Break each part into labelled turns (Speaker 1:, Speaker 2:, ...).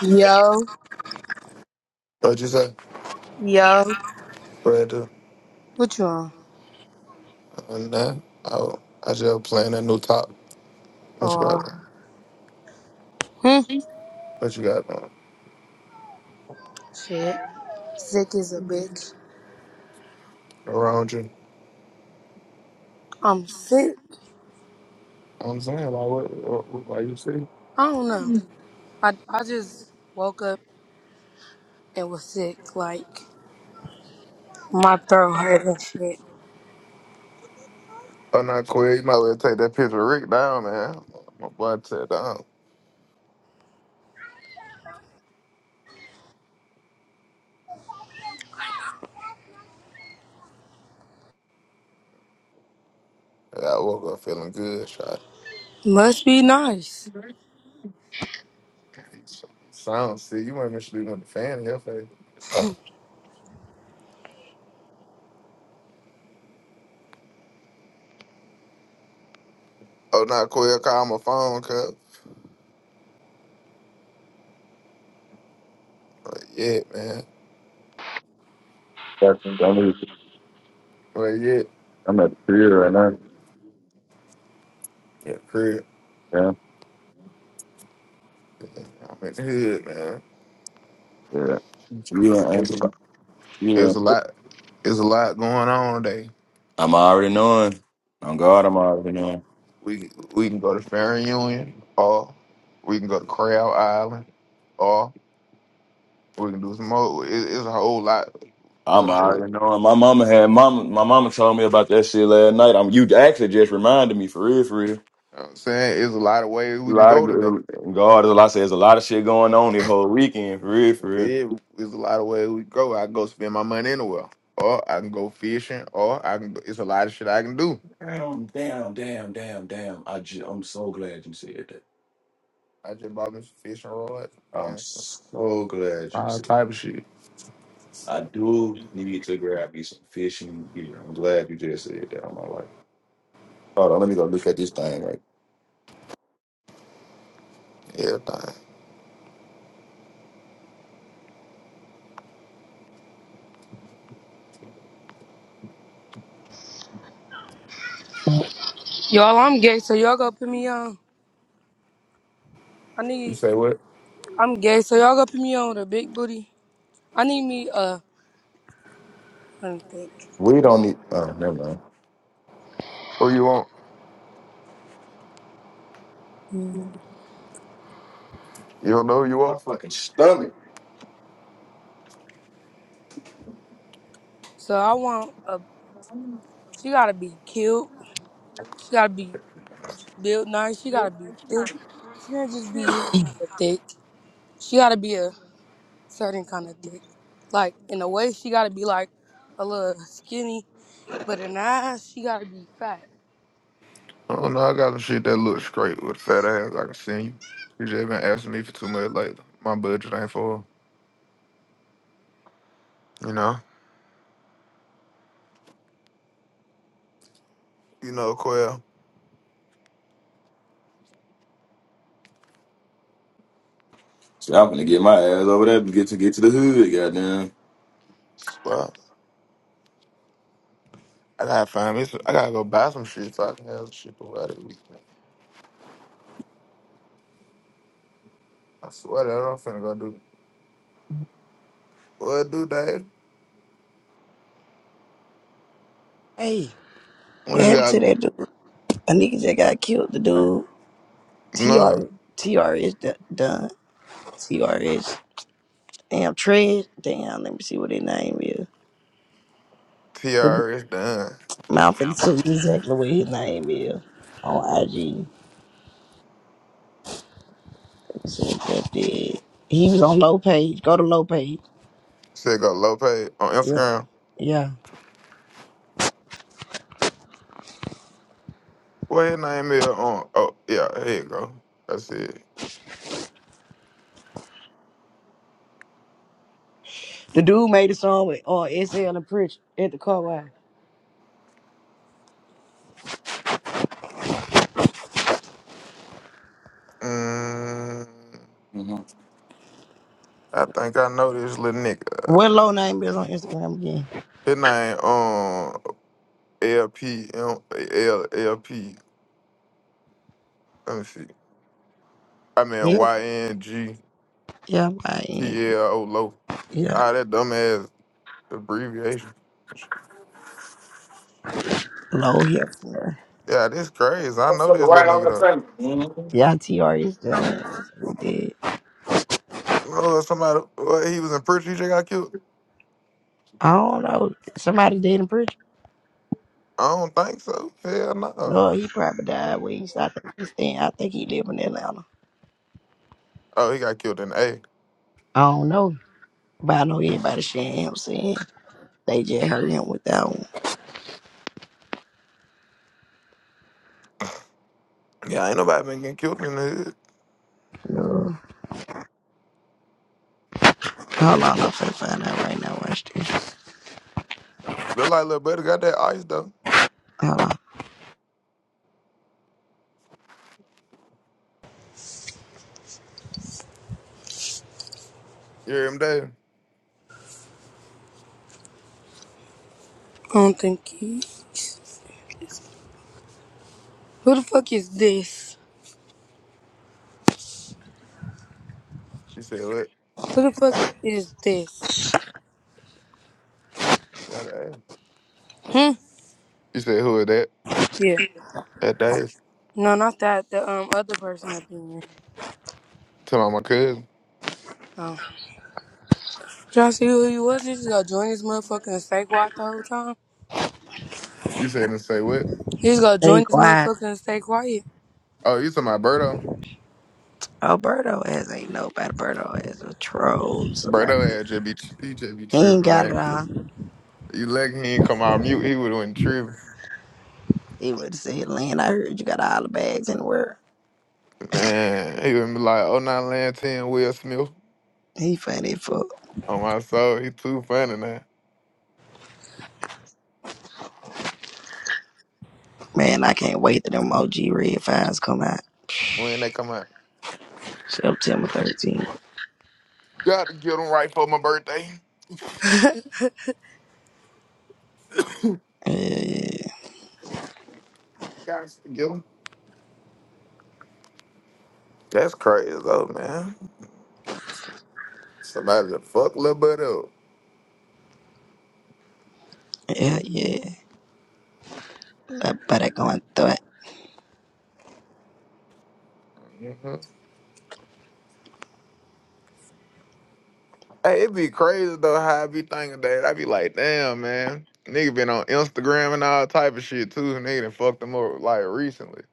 Speaker 1: Yo,
Speaker 2: What'd you say?
Speaker 1: yo,
Speaker 2: Brother,
Speaker 1: what you on?
Speaker 2: uh, nah, I, I just playing a new top. What you
Speaker 1: Oh,
Speaker 2: got?
Speaker 1: hmm,
Speaker 2: What you got man?
Speaker 1: shit. Sick is a bitch.
Speaker 2: around you?
Speaker 1: I'm sick.
Speaker 2: I'm saying, like, what, what, what like you see?
Speaker 1: I don't know. I, I just woke up and was sick. Like, my throat hurt and shit.
Speaker 2: Oh, not Corey, you might well take that picture of Rick down, man. My boy tear down. Yeah, I woke up feeling good, shot.
Speaker 1: Must be nice.
Speaker 2: Sound see, you ain't been sleeping with the fan in your face. Oh, not Corey, call my phone, cuz. But yeah, man.
Speaker 3: That's I'm,
Speaker 2: But yeah,
Speaker 3: I'm at the career right now.
Speaker 2: yeah, crib.
Speaker 3: Yeah,
Speaker 2: Yeah, I'm in the hood, man.
Speaker 3: yeah. You and
Speaker 2: It's about
Speaker 3: Anderson, you
Speaker 2: There's a
Speaker 3: and
Speaker 2: lot. There's a lot going on today.
Speaker 3: I'm already knowing. On God, I'm already knowing.
Speaker 2: We we can go to Farron Union, or we can go to Crab Island, or we can do some more. It, it's a whole lot. It's
Speaker 3: I'm
Speaker 2: a whole. You
Speaker 3: already knowing. My mama had mama. My mama told me about that shit last night. I'm you actually just reminded me for real, for real.
Speaker 2: know what I'm saying it's a lot of ways
Speaker 3: A
Speaker 2: we can
Speaker 3: lot of
Speaker 2: go today.
Speaker 3: good- God, there's a lot. There's a lot of shit going on this whole weekend, for real, for real.
Speaker 2: It, it's a lot of ways we can go. I can go spend my money anywhere, or I can go fishing, or I can. It's a lot of shit I can do.
Speaker 3: Damn, damn, damn, damn, damn. I just, I'm so glad you said that.
Speaker 2: I just bought me some fishing rods
Speaker 3: I'm
Speaker 2: and some-
Speaker 3: so glad you
Speaker 2: all
Speaker 3: said.
Speaker 2: type of shit.
Speaker 3: I do need to grab me some fishing gear. I'm glad you just said that on my life. Hold on, let me go look at this thing. Right,
Speaker 2: Everything.
Speaker 1: Y'all, I'm gay, so y'all go put me on. I
Speaker 2: You
Speaker 1: need,
Speaker 2: say what?
Speaker 1: I'm gay, so y'all go put me on with a big booty. I need me a, let me think.
Speaker 3: we don't need. Oh, never mind.
Speaker 2: Who you want? You don't know who you
Speaker 3: My
Speaker 2: want?
Speaker 3: fucking stomach.
Speaker 1: So I want a, she gotta be cute. She gotta be built nice. She gotta be thick. She can't just be any kind of thick. She gotta be a certain kind of thick. Like in a way, she gotta be like a little skinny, but in the eyes, she gotta be fat.
Speaker 2: I don't know. I got some shit that looks straight with fat ass. I can send you. She just been asking me for too much lately. My budget ain't for her, you know. You know, Quell.
Speaker 3: See, I'm gonna get my ass over there and get to get to the hood. Goddamn.
Speaker 2: Well, I gotta find me. Some, I gotta go buy some shit so I can have some shit to wear weekend. I swear that I'm finna go do what do that.
Speaker 4: Hey,
Speaker 2: What
Speaker 4: What
Speaker 2: you
Speaker 4: happened
Speaker 2: got?
Speaker 4: to that dude? A nigga just got killed. The dude,
Speaker 2: No,
Speaker 4: TR, TR is d- done. TR is damn Trez. Damn, let me see what his name is.
Speaker 2: TRS done.
Speaker 4: Mouth 52 is exactly what his name is on IG. Let me see what that did. He was on low page. Go to low page.
Speaker 2: Said go low pay on
Speaker 4: Yeah,
Speaker 2: Instagram.
Speaker 4: yeah.
Speaker 2: What his name is on? Oh yeah, here you go. That's it.
Speaker 4: The dude made a song with uh, SL and Pritch at the car wash.
Speaker 2: Mm,
Speaker 3: Mm-hmm.
Speaker 2: I think I know this little nigga.
Speaker 4: What low name is on Instagram again?
Speaker 2: His name um L P M L L P. Let me see. I mean
Speaker 4: Yep,
Speaker 2: Y N G
Speaker 4: yeah, I
Speaker 2: T L O low.
Speaker 4: yeah,
Speaker 2: All that dumbass abbreviation.
Speaker 4: low here.
Speaker 2: Yeah, this crazy. I
Speaker 3: What's
Speaker 2: know
Speaker 3: up?
Speaker 2: this
Speaker 3: Right
Speaker 2: little
Speaker 3: on
Speaker 2: nigga
Speaker 3: the
Speaker 2: though.
Speaker 3: table.
Speaker 4: Yeah, TR is dead. He dead.
Speaker 2: Oh, somebody what, he was in prison. He just got killed.
Speaker 4: I don't know. Somebody did in preacher.
Speaker 2: I don't think so. Hell no.
Speaker 4: No, he probably died when he stopped at this thing. I think he lived in Atlanta.
Speaker 2: Oh, he got killed in the A.
Speaker 4: I don't know. But I know everybody sharing him saying they just heard him with that one.
Speaker 2: Yeah, ain't nobody been getting killed in the hood.
Speaker 4: No. Hold on, I'm finna find out right now. Watch this.
Speaker 2: Look like little buddy got that ice though.
Speaker 4: Hold on.
Speaker 2: You hear him, Dave?
Speaker 1: I don't think he's. Who the fuck is this?
Speaker 2: You said what?
Speaker 1: Who the fuck is this?
Speaker 2: Got that.
Speaker 1: Hmm.
Speaker 2: You said who is that?
Speaker 1: Yeah.
Speaker 2: That Dave.
Speaker 1: No, not that. The um other person up in here.
Speaker 2: Tell my cousin.
Speaker 1: Oh. Y'all see who he was? He just gonna join this motherfucking and stay quiet the whole time.
Speaker 2: You said and say what?
Speaker 1: He just gonna
Speaker 4: Stay
Speaker 1: join this
Speaker 4: quiet.
Speaker 1: motherfucking and stay quiet.
Speaker 2: Oh, you talking about Birdo?
Speaker 4: Alberto Birdo ass ain't nobody. Alberto ass a troll. Somebody.
Speaker 2: Birdo had just be he just be
Speaker 4: He ain't
Speaker 2: tripping,
Speaker 4: got it
Speaker 2: man.
Speaker 4: all.
Speaker 2: You lucky he ain't come out mute, he would have went tripping.
Speaker 4: He would say, Lynn, I heard you got all the bags in the world.
Speaker 2: Man, he would be like, oh nine land ten Will Smith
Speaker 4: He funny fuck.
Speaker 2: on my soul. He too funny now.
Speaker 4: Man, I can't wait till them OG red fines come out.
Speaker 2: When they come out.
Speaker 4: September 13th.
Speaker 2: Gotta get him right for my birthday.
Speaker 4: Yeah,
Speaker 2: Gotta get him. That's crazy though, man. Somebody to fuck little buddy
Speaker 4: yeah, yeah. I better go and do it.
Speaker 2: up. Hey, it be crazy though how I be thinking that. I be like, damn, man. Nigga been on Instagram and all type of shit too. Nigga done fucked them up like recently.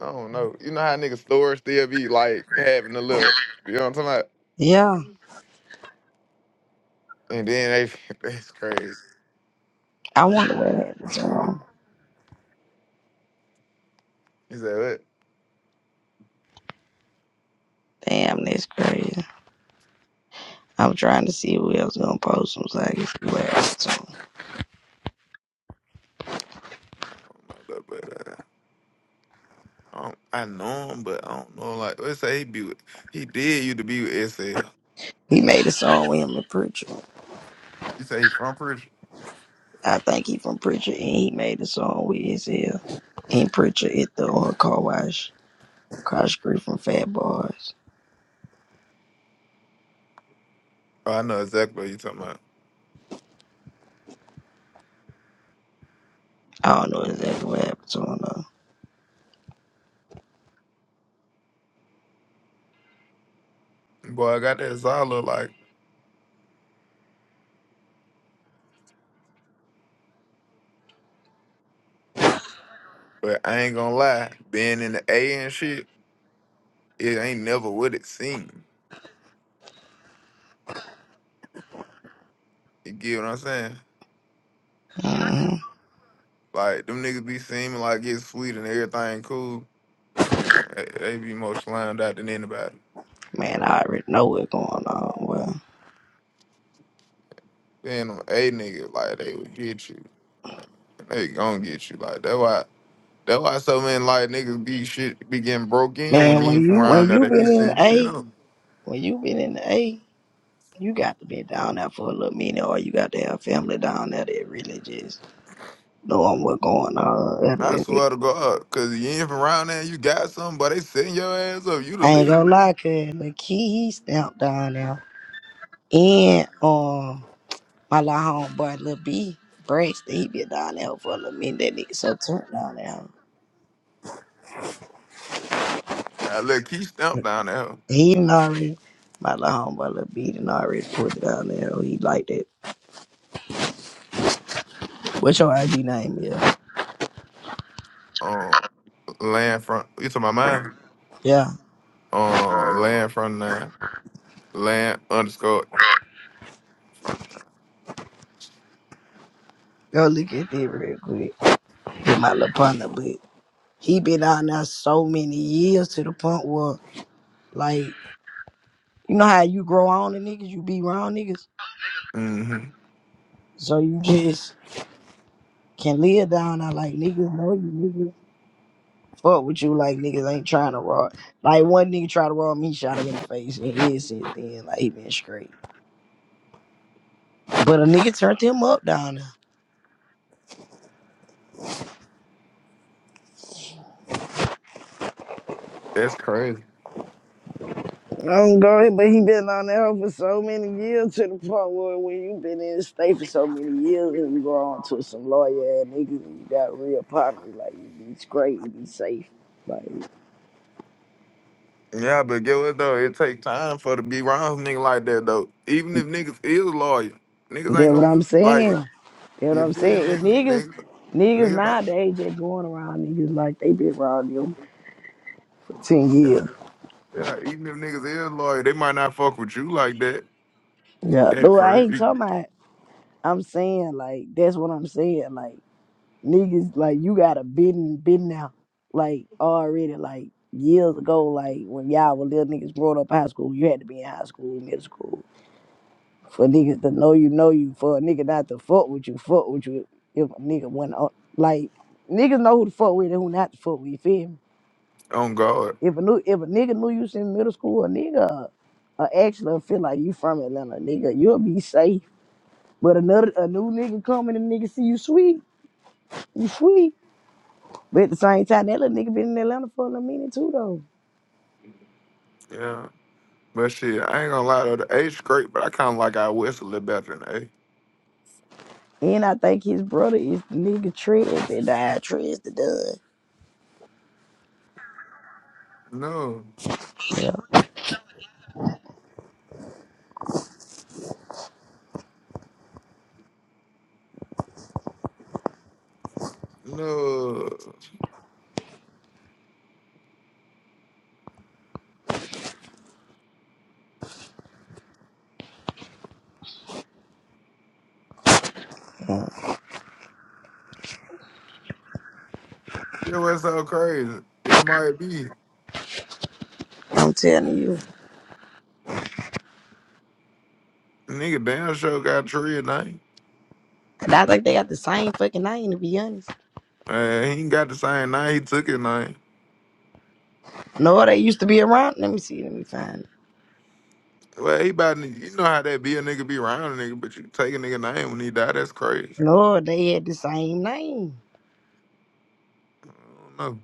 Speaker 2: I don't know. You know how niggas stores still be like having a little, you know what I'm talking about?
Speaker 4: Yeah,
Speaker 2: And then they, that's crazy.
Speaker 4: I wonder what happened to him.
Speaker 2: He said, what?
Speaker 4: Damn, that's crazy. I'm trying to see who else gonna post him so I can see what happened to him.
Speaker 2: I don't know, But, uh, I, don't, I know him, but I don't know. Like, let's say he be with, he did you to be with SL.
Speaker 4: He made a song with him and Preacher.
Speaker 2: You say he from Persia?
Speaker 4: I think he from Preacher and he made a song with his hair. And Preacher at the oil car wash across street from Fat Boys.
Speaker 2: Oh, I know exactly what you talking about.
Speaker 4: I don't know exactly what happened to him though.
Speaker 2: Boy, I got that Zala like, but I ain't gonna lie. Being in the A and shit, it ain't never what it seemed. You get what I'm saying?
Speaker 4: hmm
Speaker 2: Like them niggas be seeming like it's sweet and everything cool. Man, they, they be more slimed out than anybody.
Speaker 4: Man, I already know what's going on. Well,
Speaker 2: Then them a niggas like they would get you. They gonna get you. Like that why that why so many like niggas be shit be getting broke in when
Speaker 4: man,
Speaker 2: you
Speaker 4: when
Speaker 2: ain't from
Speaker 4: you when
Speaker 2: around there.
Speaker 4: you
Speaker 2: They be
Speaker 4: been in
Speaker 2: setting shit
Speaker 4: A
Speaker 2: up.
Speaker 4: When you been in the A, you got to be down there for a little minute, or you got to have family down there that really just knowing what's going on. Other
Speaker 2: I
Speaker 4: than that.
Speaker 2: swear to God, cause you ain't from around there, you got something, but they setting your ass up. You the
Speaker 4: I ain't
Speaker 2: league.
Speaker 4: gonna lie, cause the key he stamped down there, and um, my little homeboy Lil B, Braxton, he been down there for a little minute. That nigga so turned down there.
Speaker 2: I let Keith Stump down there.
Speaker 4: He done already, my little homeboy Lil B done already put it down there. He like that. What's your ID name? Yeah,
Speaker 2: Um, land front. You talking about mine?
Speaker 4: yeah.
Speaker 2: Uh, land front nine, land underscore front
Speaker 4: Go look at that real quick. Get my little partner, but. He been out there so many years to the point where, like, you know how you grow on the niggas, you be around niggas,
Speaker 2: nine. hmm
Speaker 4: so you just can live down there. Like niggas know you, niggas fuck with you. Like niggas ain't trying to rob. Like one nigga tried to rob me, shot him in the face, and he said then like he been straight. But a nigga turned him up down there.
Speaker 2: That's crazy.
Speaker 4: I'm going, but he been on that hoe for so many years to the point where when you been in the state for so many years and you go on to some lawyer and niggas and you got real partners, like you be straight, you be safe. Like
Speaker 2: Yeah, but get what though? It take time for to be around nigga like that though. Even if niggas is loyal, niggas
Speaker 4: that's
Speaker 2: ain't
Speaker 4: what
Speaker 2: gonna
Speaker 4: I'm
Speaker 2: like
Speaker 4: saying. That's what
Speaker 2: you
Speaker 4: I'm
Speaker 2: feel
Speaker 4: saying.
Speaker 2: me,
Speaker 4: And
Speaker 2: nigga,
Speaker 4: niggas
Speaker 2: nigga,
Speaker 4: niggas
Speaker 2: nigga. Like,
Speaker 4: nowadays just going around niggas like they been around them for ten
Speaker 2: yeah,
Speaker 4: years.
Speaker 2: yeah, even if niggas is loyal, they might not fuck with you like that
Speaker 4: Yeah.
Speaker 2: at
Speaker 4: But I ain't
Speaker 2: first.
Speaker 4: talking about I'm saying like that's what I'm saying. Like niggas like you gotta been been now like already like years ago like when y'all were little niggas growing up high school you had to be in high school middle school for niggas to know you know you for a nigga not to fuck with you fuck with you if a nigga went up like niggas know who to fuck with and who not to fuck with you feel me
Speaker 2: On guard,
Speaker 4: if a new if a nigga knew you was in middle school a nigga uh, actually feel like you from Atlanta nigga you'll be safe but another a new nigga coming and nigga see you sweet you sweet But at the same time, that little nigga been in Atlanta for a little minute too, though.
Speaker 2: yeah. But shit, I ain't gonna lie though. The A's great, but I kind of like our West a little better than the
Speaker 4: And I think his brother is the nigga Trez that died. Trez the dud.
Speaker 2: A. No, no. You know what's so crazy? It might be.
Speaker 4: I'm telling you.
Speaker 2: Nigga damn sure got Trey name.
Speaker 4: And I think they got the same fucking name, to be honest.
Speaker 2: Uh, he ain't got the same name. He took his name.
Speaker 4: No, they used to be around. Let me see. Let me find it.
Speaker 2: Well, he about to- you know how that be a nigga be around a nigga, but you take a nigga name when he die, that's crazy.
Speaker 4: No, they had the same name.
Speaker 2: I don't know.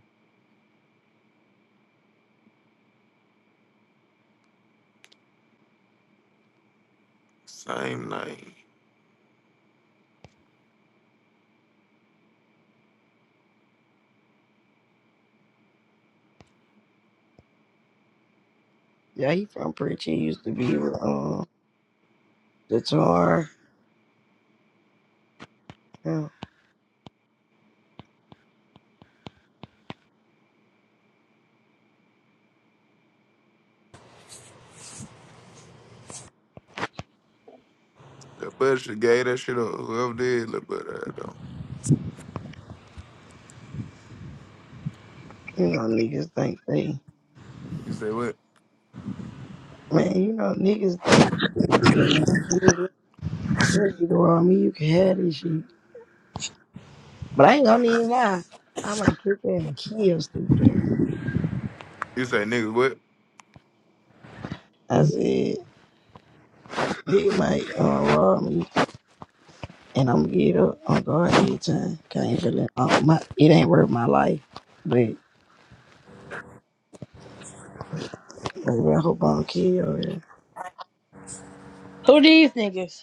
Speaker 2: Same name.
Speaker 4: Yeah, he from Pritchard. He used to be with um, the Tar. Yeah,
Speaker 2: The bud should gave that shit up. Whoever did look but that though.
Speaker 4: You know, niggas think they.
Speaker 2: You say what?
Speaker 4: Man, you know, niggas think they you know, what I mean, you can have this shit. But I ain't gonna even lie. I am gonna kick that and kill stupid ass.
Speaker 2: You say niggas what?
Speaker 4: I said, Big Mike uh, robbed me, and I'm gonna get up on guard anytime. Can't even let, uh, my, it ain't worth my life, but baby, I hope I don't kill
Speaker 5: Who do you think is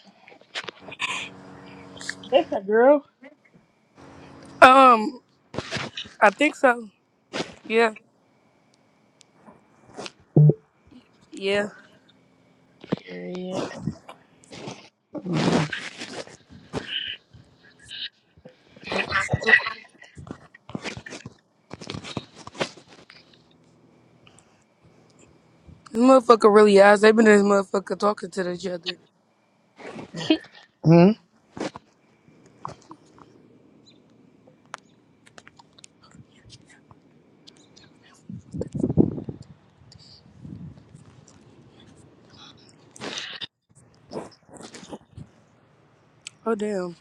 Speaker 5: this a girl?
Speaker 1: um, I think so. Yeah. Yeah.
Speaker 5: Yeah.
Speaker 4: you.
Speaker 1: This motherfucker really ass. They been in this motherfucker talking to each other. Oh damn.